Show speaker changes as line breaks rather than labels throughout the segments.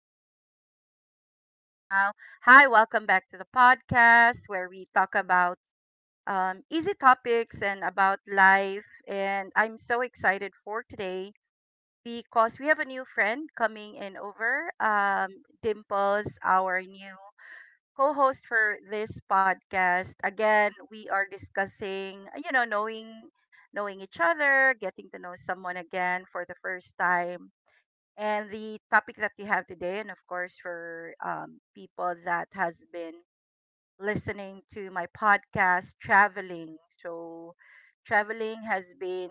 good evening, wherever you are right now. Hi, welcome back to the podcast where we talk about easy topics and about life. And I'm so excited for today because we have a new friend coming in over. Dimples, our new co-host for this podcast. Again, we are discussing, you know, knowing each other, getting to know someone again for the first time and the topic that we have today, and of course for people that has been listening to my podcast, traveling has been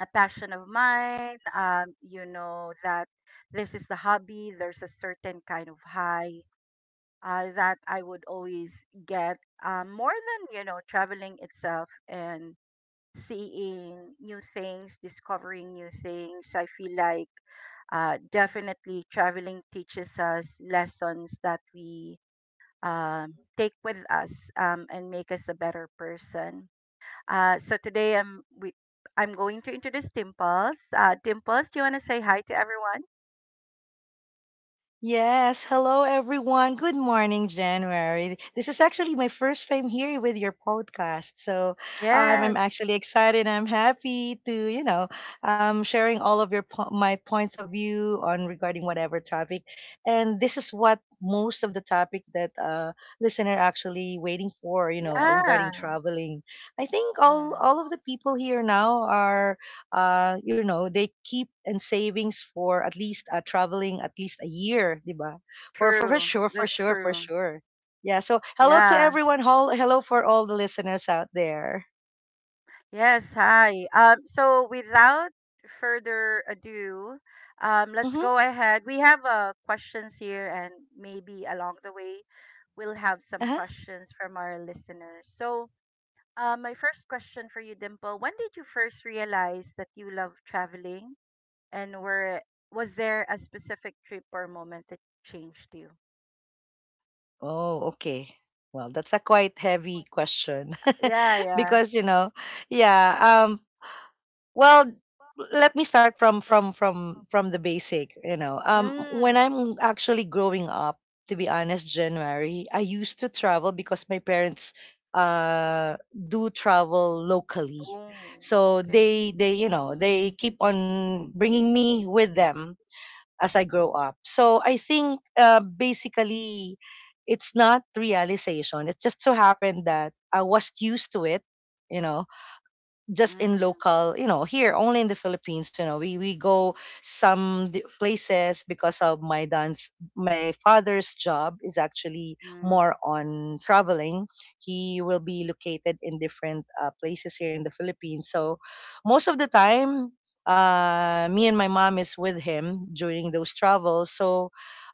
a passion of mine. You know that this is the hobby. There's a certain kind of high that I would always get, more than, you know, traveling itself. And seeing new things, discovering new things, I feel like definitely traveling teaches us lessons that we take with us, and make us a better person. So today, I'm going to introduce Dimples. Dimples, do you want to say hi to everyone?
Yes, hello everyone. Good morning, January. This is actually my first time here with your podcast. So I'm
Yes.
actually excited. I'm happy to, sharing all of my points of view on regarding whatever topic. And this is what most of the topic that listener actually waiting for, regarding
Yeah.
traveling. I think all
Mm.
of the people here now are they keep in savings for at least traveling at least a year, di ba? For
True.
sure, for
That's
sure, for
true.
sure. Yeah. So hello to
Yeah.
everyone. Hello for all the listeners out there.
Yes, hi. So without further ado, let's
Mm-hmm.
go ahead. We have questions here, and maybe along the way, we'll have some
Uh-huh.
questions from our listeners. So, my first question for you, Dimple: when did you first realize that you love traveling, and were was there a specific trip or moment that changed you?
Oh, okay. Well, that's a quite heavy question,
Yeah, yeah.
because yeah. Well, let me start from the basic. When
Mm.
I'm actually growing up, to be honest, January, I used to travel because my parents do travel locally.
Oh,
So
okay.
they they keep on bringing me with them as I grow up. So I think basically it's not realization. It just so happened that I was used to it. you know just in
Mm,
local, here only in the philippines, we go some places because of my father's job is actually
mm.
more on traveling. He will be located in different places here in the philippines. So most of the time, me and my mom is with him during those travels. So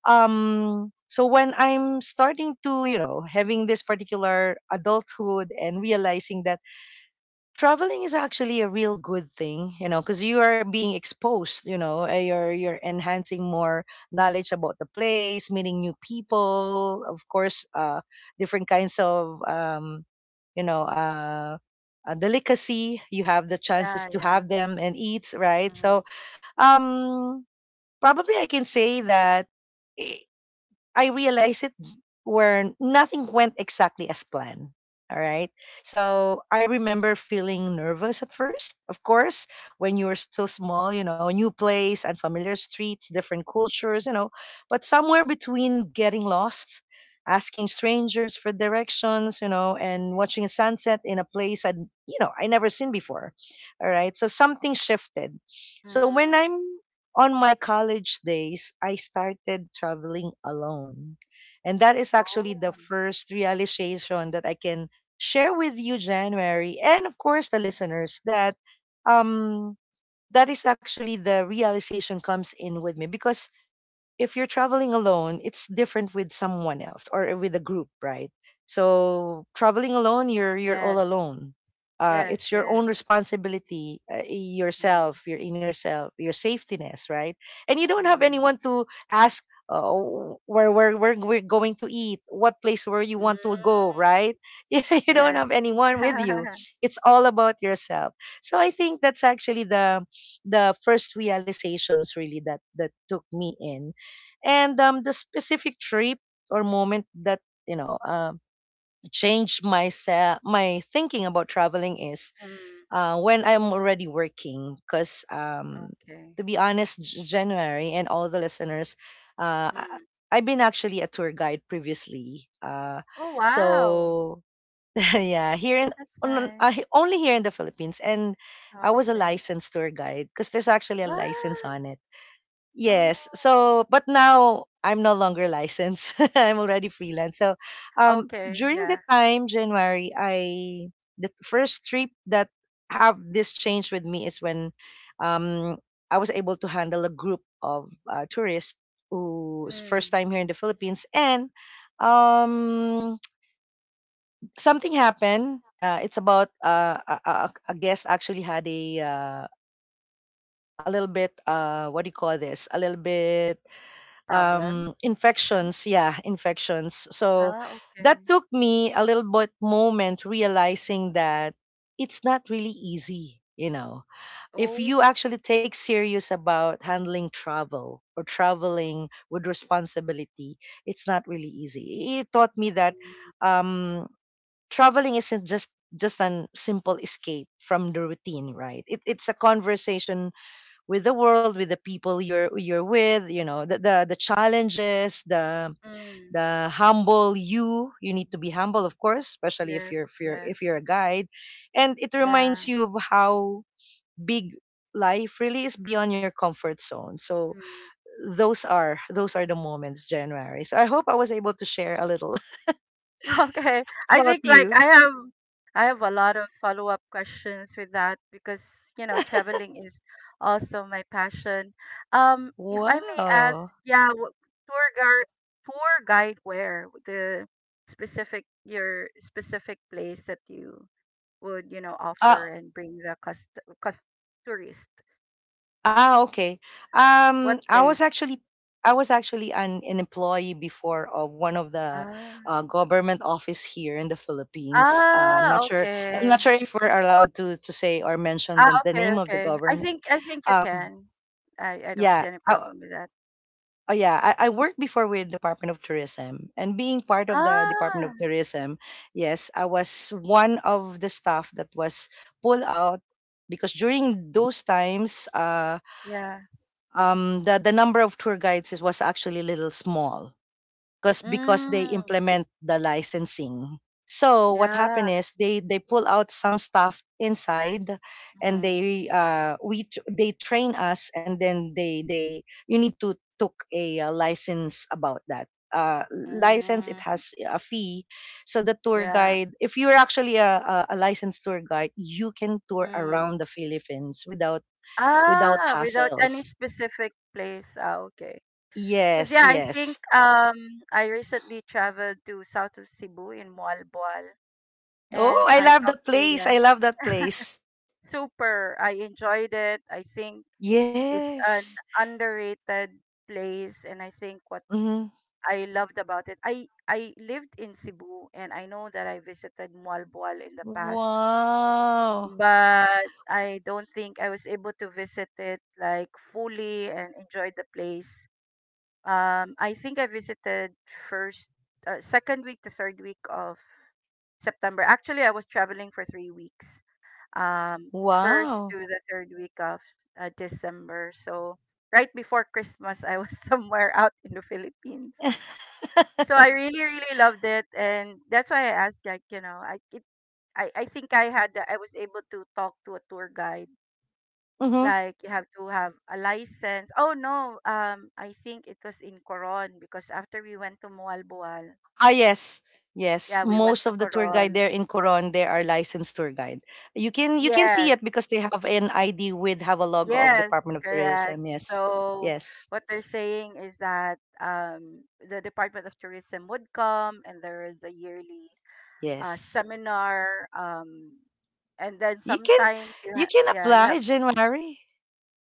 so when I'm starting to having this particular adulthood and realizing that traveling is actually a real good thing, because you are being exposed, you're enhancing more knowledge about the place, meeting new people, of course, different kinds of, you know, uh, delicacy. You have the chances
Yeah,
to
yeah.
have them and eat, right?
Mm-hmm.
So, um, probably I can say that. I realized it where nothing went exactly as planned. All right. So I remember feeling nervous at first, of course. When you were still small, new place, unfamiliar streets, different cultures, but somewhere between getting lost, asking strangers for directions, and watching a sunset in a place I never seen before. All right. So something shifted. So when I'm
Mm.
on my college days, I started traveling alone. And that is actually the
Oh,
first realization that I can share with you, January, and of course the listeners, that um that is actually the realization comes in with me. Because if you're traveling alone, it's different with someone else or with a group, right? So traveling alone, you're all
yes.
alone.
Yes,
It's your own
yes.
responsibility,
Mm.
yourself, your inner self, your safetiness, right? And you don't have
Mm.
anyone to ask, oh, where we're going to eat, what place where you
Mm.
want to go, right? You don't have
Yes.
anyone with you. It's all about yourself. So I think that's actually the first realizations really that took me in. And the specific trip or moment that you know um changed my thinking about traveling is
Mm.
when I'm already working. Because
Okay.
to be honest, January, and all the listeners, uh, I-
Mm.
I've been actually a tour guide previously.
Oh, wow.
So yeah,
That's nice.
only here in the Philippines, and I
Oh,
was a
okay.
licensed tour guide because there's actually a license
What?
on it. Yes.
Oh.
So, but now I'm no longer licensed. I'm already freelance. So,
Okay,
during the
yeah.
time January, I the first trip that have this change with me is when, um, I was able to handle a group of tourists who's first
Mm.
time here in the Philippines. And um, something happened. It's about a guest actually had a little bit, what do you call this? A little bit,
Problem? Issue?
infections. Yeah, infections. So
Ah,
that
okay.
took me a little bit moment realizing that it's not really easy. If
Oh.
you actually take serious about handling travel or traveling with responsibility, it's not really easy. It taught me that,
Mm.
um, traveling isn't just an simple escape from the routine, right? It's a conversation with the world, with the people you're with, the challenges, the
Mm.
the humble you. You need to be humble, of course, especially if you're
Yes,
if you're if
yes.
you're a guide. And it
Yeah.
reminds you of how big life really is beyond your comfort zone. So
Mm.
those are the moments, January. So I hope I was able to share a little.
Okay. I
What about
think like
you?
I have a lot of follow-up questions with that because, you know, traveling is also my passion. If I may
Wow.
ask, yeah, tour guide tour guide, where the specific your specific place that you would, you know, offer
Uh,
and bring the cust cust tourist.
Ah, okay.
What
Um, I was
place?
actually I was actually an employee before of one of the
Ah,
government office here in the Philippines. I'm not sure. I'm
okay.
not sure if we're allowed to say or mention
Ah,
the
okay,
name of the
okay.
government.
I think you
Um,
can. I don't
yeah.
see any problem with that.
Yeah, I worked before with Department of Tourism. And being part of the Department
Ah,
of Tourism, yes, I was one of the staff that was pulled out because during those times,
yeah.
the number of tour guides was actually little small, because they
Mm,
implement the licensing. So what
yeah.
happened is they pull out some stuff inside, and
Mm,
they train us. And then they you need to took a license about that. Uh, License, it
mm,
has a fee. So the tour
yeah.
guide, if you're actually a licensed tour guide, you can tour
Mm.
around the Philippines without
Ah, without any
hassles.
specific place. Ah, okay. Because
Yes,
yeah, I think
yes.
I recently traveled to south of Cebu in Moalboal,
Oh,
and
I
I
love
talked
that
to,
place.
yeah.
I love that place.
Super. I enjoyed it. I think it's
Yes.
an underrated place, and I think
Hmm.
I loved about it. I lived in Cebu and I know that I visited Mualbual in the past,
Wow.
but I don't think I was able to visit it like fully and enjoy the place. I think I visited first, second week to third week of September. Actually, I was traveling for 3 weeks. Um, first to
Wow.
the third week of December. So right before Christmas, I was somewhere out in the Philippines. So I really, really loved it, and that's why I asked. Like, you know, I think I had I was able to talk to a tour guide.
Hmm.
Like, you have to have a license. Oh no, I think it was in Coron because after we went to Moalboal,
Ah, yes. Yes,
yeah, we went
most
to
of the tour guide
Coron.
there in Coron, they are licensed tour guide. You can see
Yes,
it because they have an ID with have a logo of
yes,
Department of Tourism.
correct.
Yes,
So
yes,
what they're saying is that the Department of Tourism would come, and there is a yearly
yes.
seminar, and then
You can
sometimes
you can
yeah, you have.
apply, January.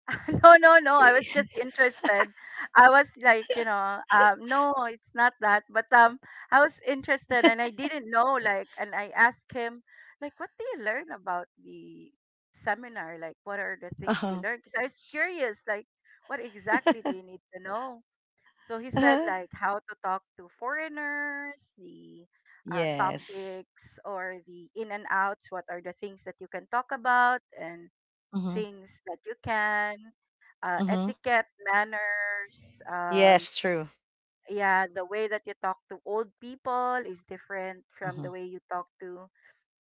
No, no, no, I was just interested. I was like, you know, no, it's not that, but I was interested and I didn't know, like, and I asked him like what do you learn about the seminar, like what are the things you
Uh-huh.
learn, because I was curious like what exactly do you need to know. So he said
Uh-huh.
like how to talk to foreigners, the
Yes.
topics, or the in and outs. What are the things that you can talk about, and
Mhm,
things that you can,
mhm.
etiquette, manners.
Yes, true.
Yeah, the way that you talk to old people is different from the
Mhm.
way you talk to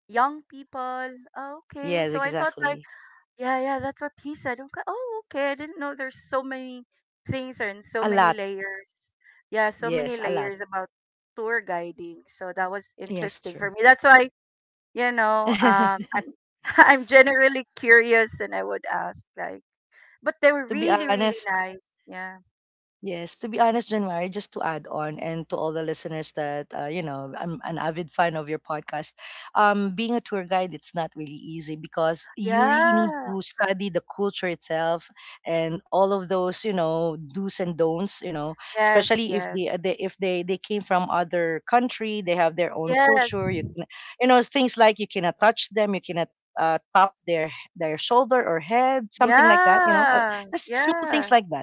young people. Oh, okay,
Yes,
so I thought like
exactly.
yeah, yeah, that's what he said. I'm like, oh, okay. I didn't know there's so many things and so
A
many
lot.
layers. Yeah, so many
Yes, a lot.
layers about tour guiding. So that was
Yes,
interesting for me.
true.
That's why, you know, I'm I'm generally curious and I would ask like, but they were
to be
really, really
honest,
nice. Yeah.
Yes, to be honest, January, just to add on, and to all the listeners that, I'm an avid fan of your podcast. Being a tour guide, it's not really easy because you really need
Yeah.
to study the culture itself and all of those, do's and don'ts,
Yes,
especially if
yes.
they, uh, they if they, they came from other country, they have their own culture. You
Yes.
can, things like you cannot touch them, you cannot, tap their shoulder or head, something like that.
Yeah.
Just small things
Yeah.
like that.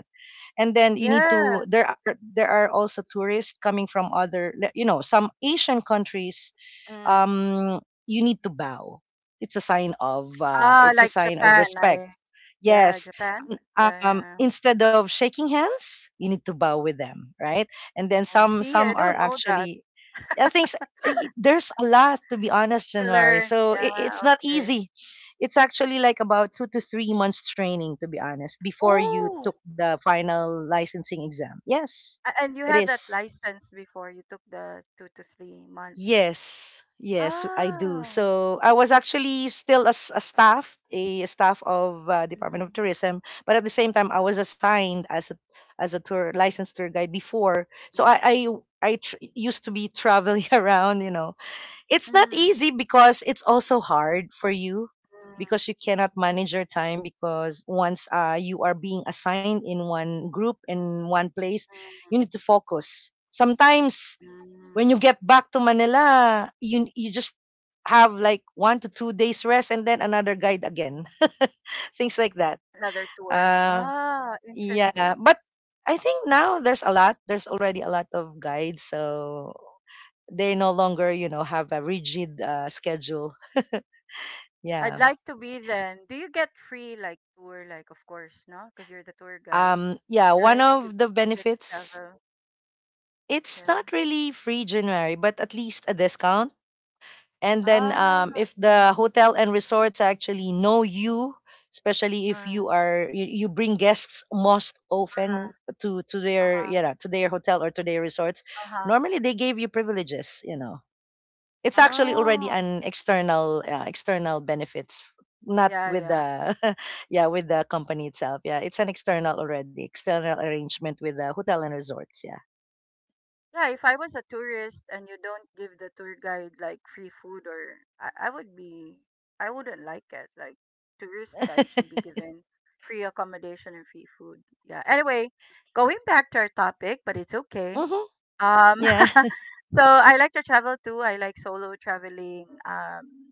And then you need
Yeah.
to there are also tourists coming from other some Asian countries.
Mm.
um you need to bow. it's a sign of uh
Ah,
it's a
like
sign of
Japan,
respect.
I yeah,
Yes.
Japan? Yeah, yeah, yeah.
Instead of shaking hands, you need to bow with them, right? And then
Oh,
some
see, I
some are
don't know that.
actually, I think, there's a lot. To be honest,
To
January,
learn,
so it,
yeah,
it's not
okay.
easy. It's actually like about 2 to 3 months training, to be honest, before you
Oh,
took the final licensing exam. Yes,
and you
it
had that
is.
license before you took the 2 to 3 months.
Yes, yes, I do.
Ah,
So I was actually still as a staff of, Department of
mm,
Tourism, but at the same time I was assigned as a tour licensed tour guide before. So I I
mm,
I used to be traveling around. It's not
mm,
easy because it's also hard for you,
mm, mm,
because you cannot manage your time. Because once, you are being assigned in one group in one place, you need to focus. Sometimes
mm.
when you get back to Manila, you just have like 1 to 2 days rest and then another guide again. Things like that.
Another tour.
Uh,
Ah,
yeah,
interesting.
but I think now there's a lot. There's already a lot of guides, so they no longer have a rigid, schedule.
I'd
Yeah.
like to be then. Do you get free like tour? Like, of course, no, because you're the tour guide,
Yeah, one
right?
of the
You get to
benefits.
travel.
It's
Yeah.
not really free, January, but at least a discount. And then,
Ah,
if the hotel and resorts actually know you, especially if
mm,
you bring guests most often
uh-huh,
to to their
uh-huh,
yeah to their hotel or to their resorts,
uh-huh.
normally they gave you privileges. It's actually already
Oh,
an external benefits. Not
yeah,
with
yeah.
the yeah, with the company itself. Yeah, it's an external already external arrangement with the hotel and resorts. Yeah.
Yeah, if I was a tourist and you don't give the tour guide like free food, I would be, I wouldn't like it. Like tourist guide should be given free accommodation and free food. Yeah. Anyway, going back to our topic, but it's okay.
Mm-hmm.
Um,
Yeah.
so I like to travel too. I like solo traveling.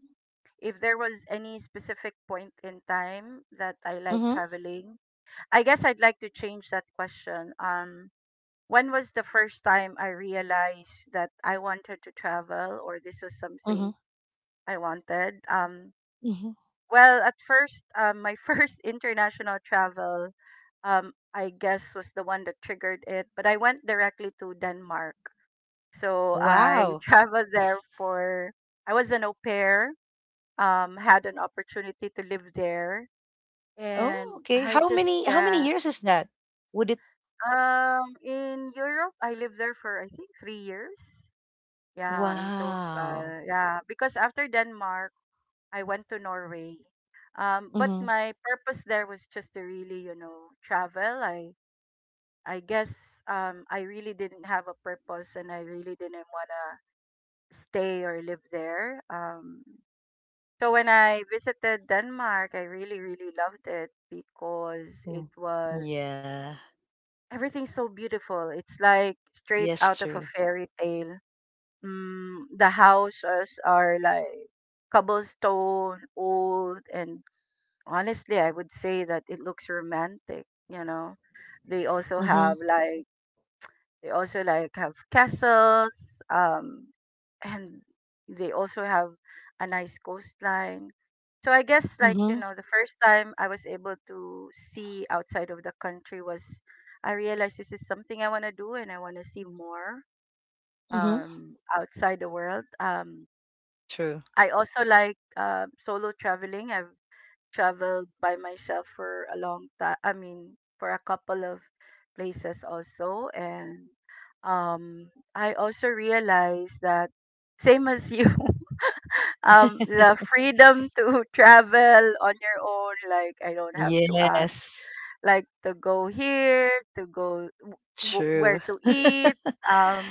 If there was any specific point in time that I like
Mm-hmm.
traveling, I guess I'd like to change that question. When was the first time I realized that I wanted to travel, or this was something
Mm-hmm.
I wanted?
Hmm.
Well, at first, my first international travel, I guess, was the one that triggered it, but I went directly to Denmark. So I
Wow.
traveled there for, I was an au pair, had an opportunity to live there.
Oh,
And
okay.
I
how
just,
many how many
yeah.
years is that, would it?
In Europe, I lived there for I think 3 years. Yeah, in
Wow.
total. Yeah, because after Denmark, I went to Norway. But
Mm-hmm.
my purpose there was just to really, you know, travel. I guess I really didn't have a purpose and I really didn't wanna stay or live there. So when I visited Denmark, I really, really loved it because it
Mm.
was
Yeah.
everything's so beautiful. It's like straight
Yes,
out of a
true.
fairy tale. Mm, the houses are like cobblestone, old, and honestly, I would say that it looks romantic. You know, they also
Mm-hmm.
have like they also like have castles, um, and they also have a nice coastline. So I guess like, you
Mm-hmm.
know, the first time I was able to see outside of the country was I realized this is something I want to do and I want to see more
Mm-hmm.
outside the world.
True.
I also like solo traveling. I've traveled by myself for a long time. I mean, for a couple of places also, and um, I also realized that same as you, the freedom to travel on your own. Like I don't have to ask,
Yes,
like to go here, to go
true.
where to eat. Um,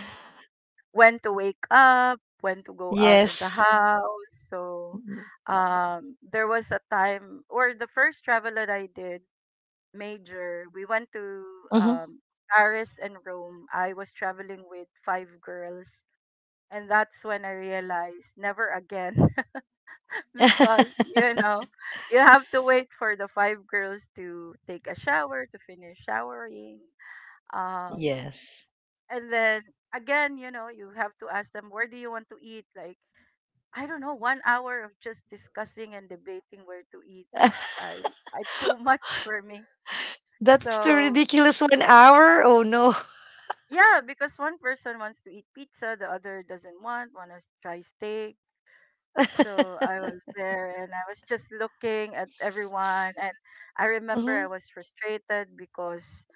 when to wake up, when to go out of the
Yes.
house. So there was a time, or the first travel that I did, major, we went to
Mhm.
um, Paris and Rome. I was traveling with five girls. And that's when I realized, never again. Because, you know, you have to wait for the five girls to take a shower, to finish showering, um
Yes.
and then again, you know, you have to ask them where do you want to eat. Like, I don't know, 1 hour of just discussing and debating where to eat was, I too much for me.
That's too
So
ridiculous. 1 hour? Oh, no.
yeah, because one person wants to eat pizza, the other doesn't want to try steak. So I was there and I was just looking at everyone, and I remember I
Mhm.
was frustrated because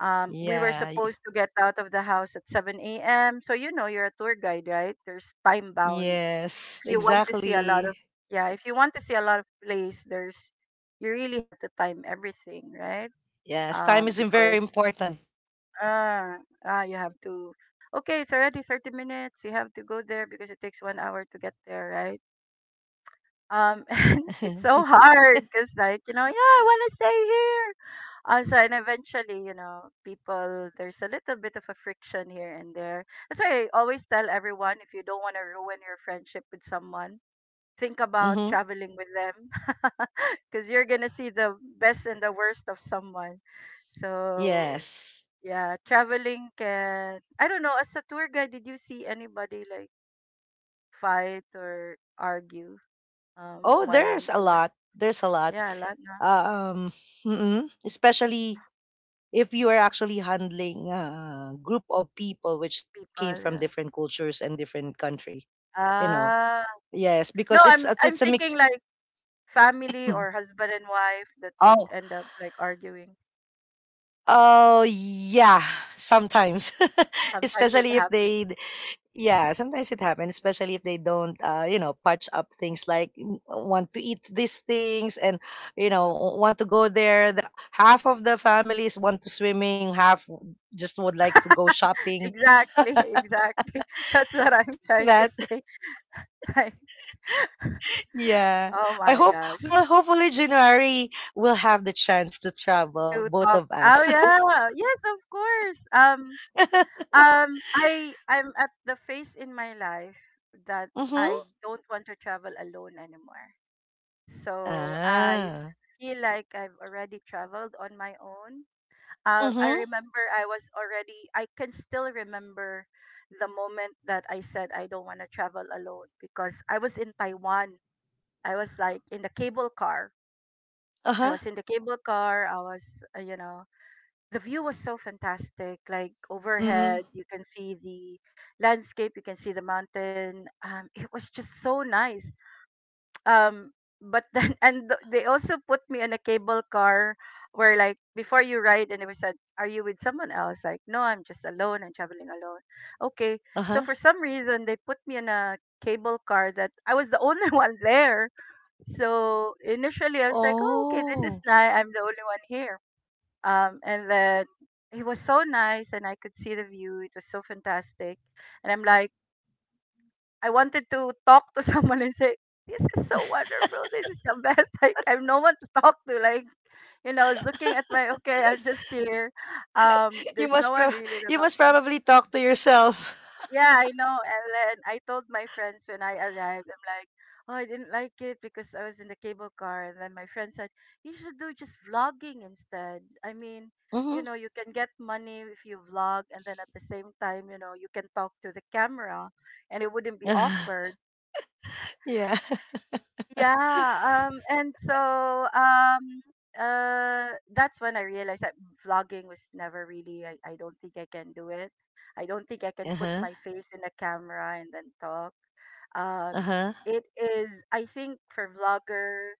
we were
Yeah. Y
supposed to get out of the house at 7 a.m. So you know, you're a tour guide, right? There's time bound.
yes,
You want to see a lot of
exactly.
yeah, if you want to see a lot of place, there's, you really have to time everything, right?
Yes, time
Um,
is im very
because
important.
uh, you have to, okay, it's already 30 minutes, you have to go there because it takes 1 hour to get there, right? And it's so hard because, like, you know, yeah, I wanna stay here. So and eventually, you know, people, there's a little bit of a friction here and there. That's why I always tell everyone, if you don't want to ruin your friendship with someone, think about
Mhm.
traveling with them. Because you're gonna see the best and the worst of someone. So
Yes.
yeah, traveling can, I don't know. As a tour guide, did you see anybody like fight or argue
Oh,
while
there's
on
a
tour?
lot. There's a lot.
Yeah, a lot of
Uh, Um, especially if you are actually handling a group of people which came
people.
from
Yeah.
different cultures and different country, you know?
Ah,
Yes,
no,
because
I'm I'm
it's a
thinking
mix.
like family or husband and wife that would
Oh,
end up like arguing.
Oh yeah, sometimes,
Sometimes it
especially if
happens.
they yeah, sometimes it happens, especially if they don't you know, patch up things like want to eat these things and you know want to go there. Half of the families want to swimming, just would like to go shopping,
Exactly, exactly. That's what I'm
things like
trying to
that.
say. Right.
Yeah,
Oh
I
my
hope
gosh.
well, hopefully January will have the chance to travel,
To
both
talk.
of
Oh
us.
yeah. Yes, of course. Um um I I'm at the phase in my life that
Hmm.
I don't want to travel alone anymore. So I
Ah.
feel like I've already traveled on my own. I
Mhm.
remember I was already I can still remember the moment that I said I don't want to travel alone because I was in Taiwan. I was like in the cable car I
Uh-huh.
was in the cable car. I was, you know, the view was so fantastic. Like
Mhm.
overhead, you can see the landscape, you can see the mountain. It was just so nice. Um, but then, and they also put me in a cable car where, like, before you ride, and they were said, "Are you with someone else?" Like, no, I'm just alone. I'm traveling alone. Okay. So
Uh-huh.
for some reason, they put me in a cable car that I was the only one there, so initially, I was like, "Oh, okay, this is
Oh.
nice. I'm the only one here." And then he was so nice, and I could see the view. It was so fantastic, and I'm like, I wanted to talk to someone and say, "This is so wonderful. This is the best." Like, I have no one to talk to. Like, I was looking at my okay, I'm just here.
You
There's no
must pro.
one really to
You
talk
must
to.
probably talk to yourself.
Yeah, I know. And then I told my friends when I arrived, I'm like, oh, I didn't like it because I was in the cable car. And then my friend said, you should do just vlogging instead. I mean, you
Mhm.
know, you can get money if you vlog, and then at the same time, you know, you can talk to the camera and it wouldn't be
Uh-huh.
awkward.
Yeah.
Yeah, and so um, that's when I realized that vlogging was never really. I don't think I can do it. I don't think I can put
Uh-huh.
my face in a camera and then talk. Um,
Uh-huh.
it is. I think for vlogger,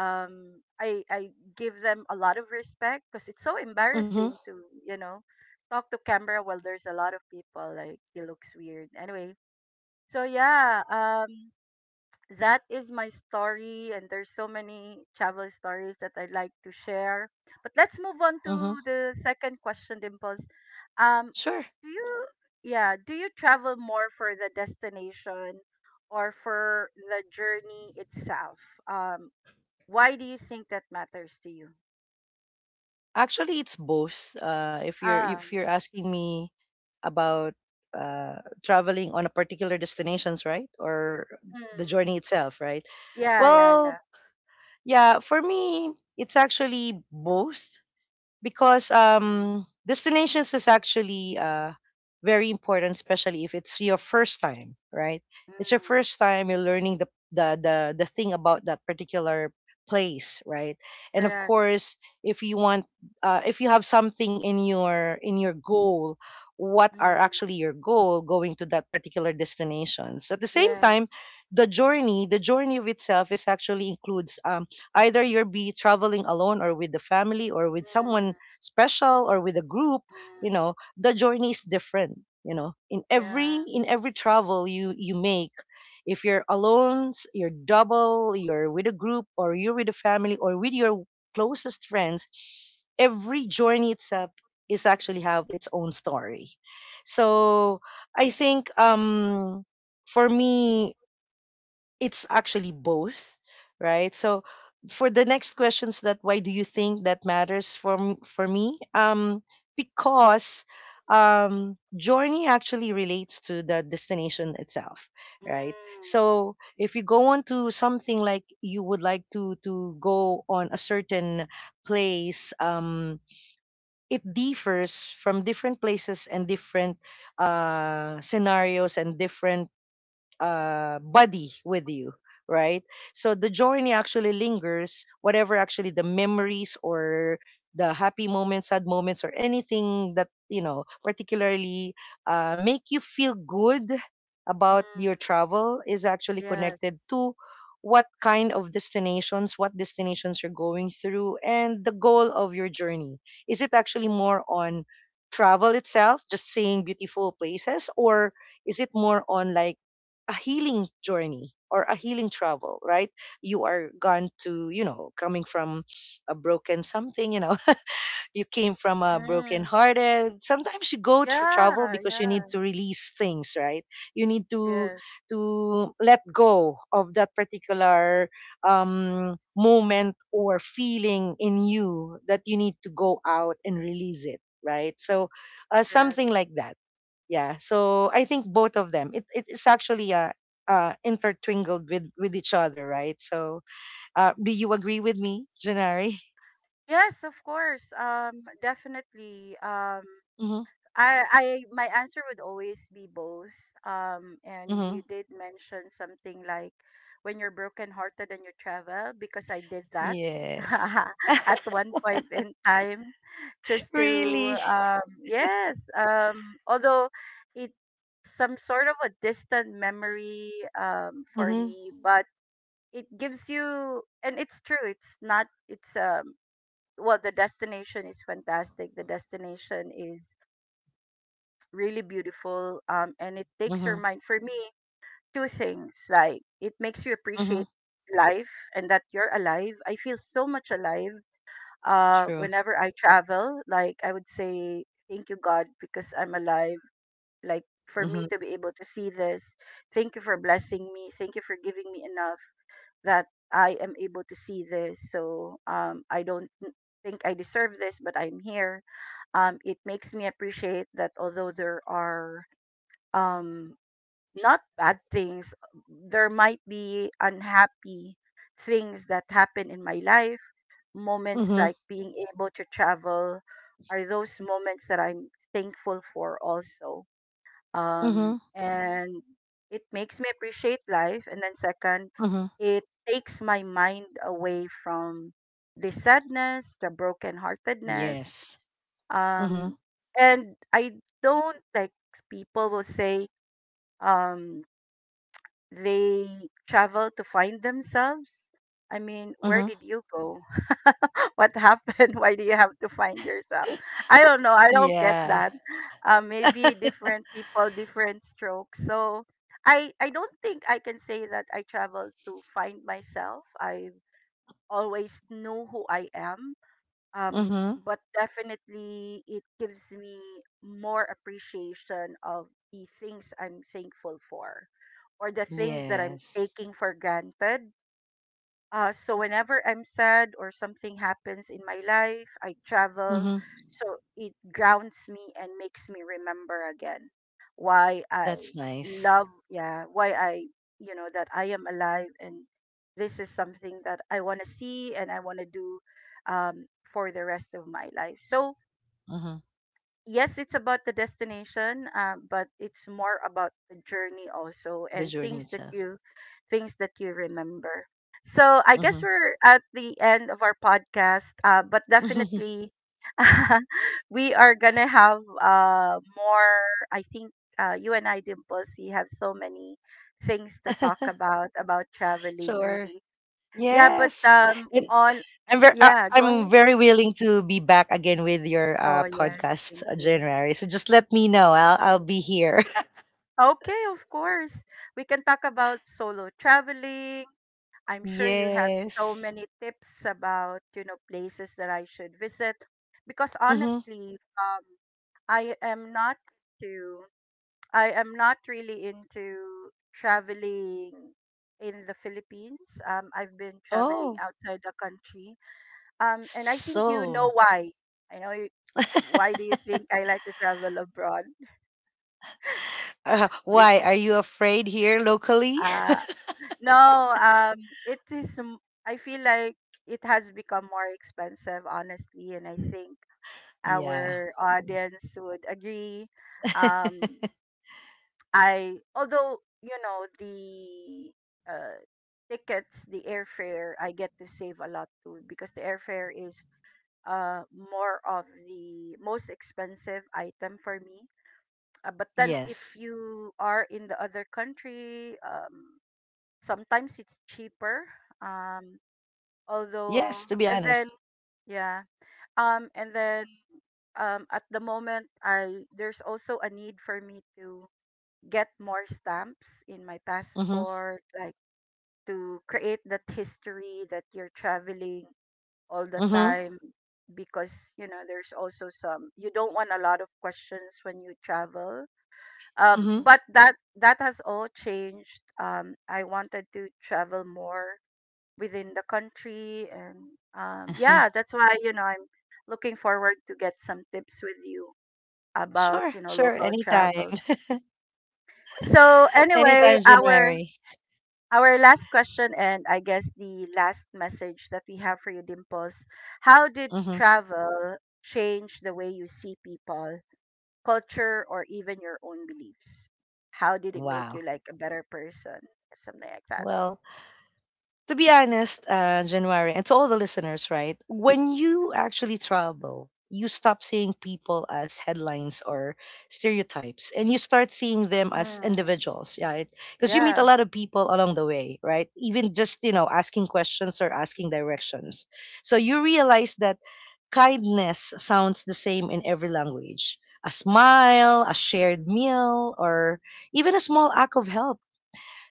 I give them a lot of respect because it's so
Mhm.
embarrassing to you know talk to camera while there's a lot of people. Like it looks weird. Anyway, so yeah. That is my story, and there's so many travel stories that I'd like to share, but let's move on
Mhm.
to the second question, Dimples. Um
Sure.
do you Yeah, do you travel more for the destination or for the journey itself? um why do you think that matters to you?
Actually, it's both. If
um
you're asking me about uh traveling on a particular destinations, right? Or the
mm,
journey itself, right?
yeah, yeah,
Well,
yeah.
yeah, for me, it's actually both because
Mm,
destinations is actually very important, especially if it's your first time, right? It's your
mm,
first time you're learning the thing about that particular place, right? And of
correct.
course, if you want, if you have something in your goal, what are
Mm,
actually your goal going to that particular destination? So at the same time,
yes.
the journey of itself is actually includes either you're be traveling alone or with the family or with someone
Mm,
special or with a group, you
mm,
know, the journey is different, you know,
yeah.
in every travel you make if you're alone you're double you're with a group or you're with a family or with your closest friends, every journey itself is actually have its own story. So I think for me it's actually both, right? So for the next questions that why do you think that matters for me, because journey actually relates to the destination itself, right?
Mm,
So if you go on to something like you would like to go on a certain place, it differs from different places and different scenarios and different buddy with you, right? So the journey actually lingers, whatever actually the memories or the happy moments, sad moments, or anything that, you know, particularly make you feel good about your
mm.
travel is actually connected
Yes.
to what kind of destinations, what destinations you're going through, and the goal of your journey. Is it actually more on travel itself, just seeing beautiful places, or is it more on like a healing journey or a healing travel, right? You are gone to, you know, coming from a broken something, you know, you came from a broken
Mm.
hearted. Sometimes you go to travel
Yeah,
because you need
yeah.
to release things, right? You need
Yes,
to let go of that particular moment or feeling in you that you need to go out and release it, right? So
correct.
something like that. Yeah, so I think both of them, it is actually intertwined with each other, right? So uh, do you agree with me, janari?
Yes, of course. Definitely.
Hmm.
My answer would always be both. And
Hmm.
you did mention something like when you're brokenhearted and you travel, because I did that
Yes.
at one point in time, just to,
Really.
yes. Although it, some sort of a distant memory for
Hmm.
me, but it gives you, and it's true, it's not it's well, the destination is fantastic, the destination is really beautiful, and it takes
Hmm.
your mind for me two things, like it makes you
Hmm.
appreciate life and that you're alive. I feel so much alive
True.
whenever I travel. Like I would say thank you God because I'm alive, like for me
Hmm.
to be able to see this, thank you for blessing me, thank you for giving me enough that I am able to see this. So I don't think I deserve this, but I'm here. It makes me appreciate that although there are um, not bad things, there might be unhappy things that happen in my life. Moments
Hmm.
like being able to travel are those moments that I'm thankful for also,
Hmm.
and it makes me appreciate life, and then second,
Hmm.
it takes my mind away from the sadness, the brokenheartedness,
Yes. Hmm.
um, and I don't like people will say, um, they travel to find themselves? I mean, where
Hmm.
did you go? what happened? Why do you have to find yourself? I don't know. I don't get
Yeah.
that. Maybe different people, different strokes. So I don't think I can say that I travel to find myself. I always knew who I am, um
Hmm.
but definitely it gives me more appreciation of the things I'm thankful for or the things that I'm
Yes.
taking for granted. Uh, so whenever I'm sad or something happens in my life, I travel.
Hmm.
So it grounds me and makes me remember again why
That's nice.
yeah, why I, you know, that I am alive and this is something that I want to see and I want to do, um, for the rest of my life. So
Hmm.
yes, it's about the destination, but it's more about the journey also
The
and
journey itself.
things that you remember. So I guess
Hmm.
we're at the end of our podcast, but definitely we are gonna have more. I think you and I, Dimples, we have so many things to talk about traveling.
Sure.
Really, yeah. But
Yes. And
on yeah, go
I'm
ahead.
very willing to be back again with your
Oh yes,
podcast,
thank you.
January. So just let me know.
Thank
I'll
you.
be here.
Okay, of course. We can talk about solo traveling. I'm sure you have so
Yes.
many tips about, you know, places that I should visit because
Mm-hmm.
honestly, I am not to I am not really into traveling in the Philippines. I've been traveling
Oh,
outside the country. And I think you
so
know why. I know you, why do you think I like to travel abroad?
why are you afraid here locally?
Because no, I feel like it has become more expensive, honestly, and I think
Yeah.
our audience would agree. Um, I although you know the uh, tickets, the airfare, I get to save a lot too because the airfare is more of the most expensive item for me. But then if
Yes.
you are in the other country, sometimes it's cheaper. Um, although
Yes. To be
and then
honest.
yeah, and then at the moment, I there's also a need for me to get more stamps in my
Mm-hmm.
passport, like to create that history that you're traveling all the
Mm-hmm.
time, because you know there's also some, you don't want a lot of questions when you travel.
Mm-hmm.
But that has all changed. I wanted to travel more within the country, and
Uh-huh.
yeah, that's why, you know, I'm looking forward to get some tips with you about,
Sure.
you know,
Sure.
local
Anytime.
travel. So anyway,
Anytime, January.
our last question, and I guess the last message that we have for you, Dimples, how did
Mm-hmm.
travel change the way you see people, culture, or even your own beliefs? How did it make you
Wow.
like a better person, something like that?
Well, to be honest, January, and to all the listeners, right? When you actually travel, you stop seeing people as headlines or stereotypes, and you start seeing them as
Mm,
individuals, right? Because you meet a
yeah.
lot of people along the way, right? Even just you know asking questions or asking directions, so you realize that kindness sounds the same in every language. A smile, a shared meal, or even a small act of help,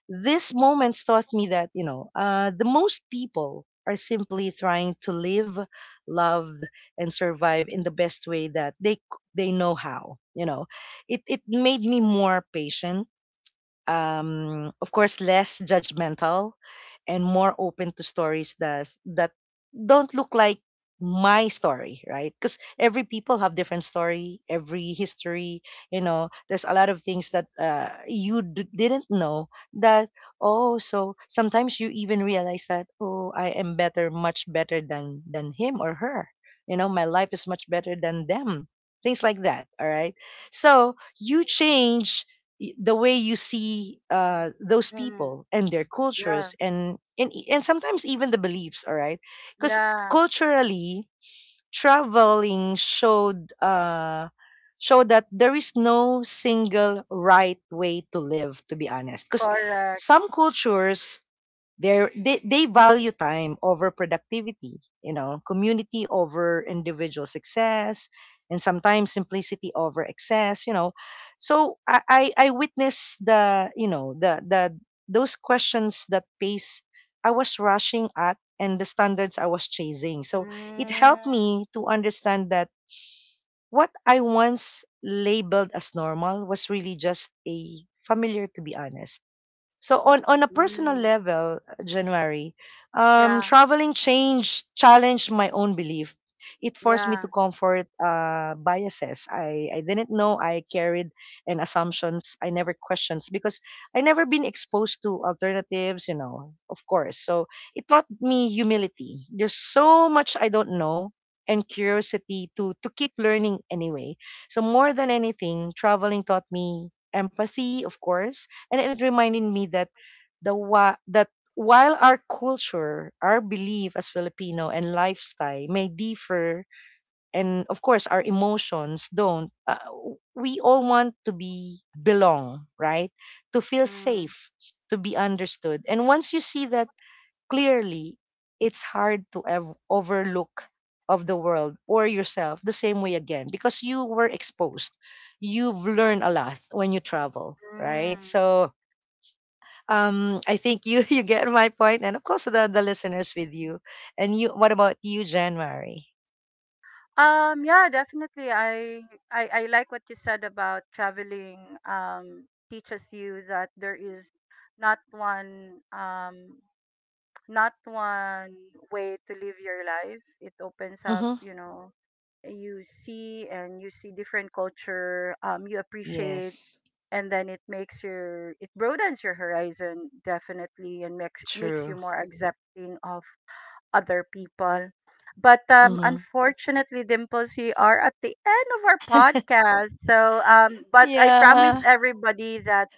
these moments taught me that, you know, the most people are simply trying to live, loved, and survive in the best way that they know how. You know, it made me more patient, of course, less judgmental and more open to stories that don't look like my story, right? Because every people have different story, every history. You know, there's a lot of things that didn't know. That oh, so sometimes you even realize that oh, I am better, much better than him or her. You know, my life is much better than them. Things like that. All right. So you change the way you see those
Mm,
people and their
yeah,
cultures, and sometimes even the beliefs, all right? Because
yeah.
culturally traveling showed that there is no single right way to live, to be honest, because
Correct.
some cultures, they value time over productivity, you know, community over individual success, and sometimes simplicity over excess, you know. So I witnessed the you know the those questions that pace I was rushing at and the standards I was chasing. So it
Mm,
helped me to understand that what I once labeled as normal was really just a familiar, to be honest. So on a personal
mm.
level, January,
Yeah,
traveling changed challenged my own belief. It forced me to
yeah.
comfort biases. I didn't know I carried and assumptions I never questioned because I never been exposed to alternatives, you know, of course. So it taught me humility. There's so much I don't know and curiosity to keep learning anyway. So more than anything, traveling taught me empathy, of course, and it reminded me that that while our culture, our belief as Filipino and lifestyle may differ, and of course our emotions don't, we all want to be belong, right? To feel
Mm,
safe, to be understood, and once you see that clearly, it's hard to overlook of the world or yourself the same way again because you were exposed, you've learned a lot when you travel, right?
mm.
So I think you you get my point, and of course the listeners with you. And you, what about you, January?
Yeah, definitely. I like what you said about traveling teaches you that there is not one um not one way to live your life. It opens up,
Mm-hmm.
you know, you see, and you see different culture, you appreciate,
Yes,
and then it makes your, it broadens your horizon definitely, and makes you
true.
more accepting of other people. But
Mm-hmm.
unfortunately, Dimples, we are at the end of our podcast, so but I promise
Yeah.
everybody that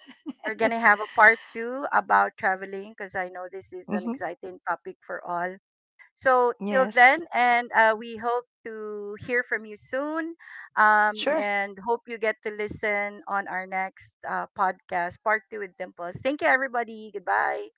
we're gonna have a part two about traveling because I know this is an
Mm-hmm.
exciting topic for all. So till
Yes,
then, and we hope to hear from you soon,
sure.
and hope you get to listen on our next podcast, part two with Dimples. Thank you, everybody. Goodbye.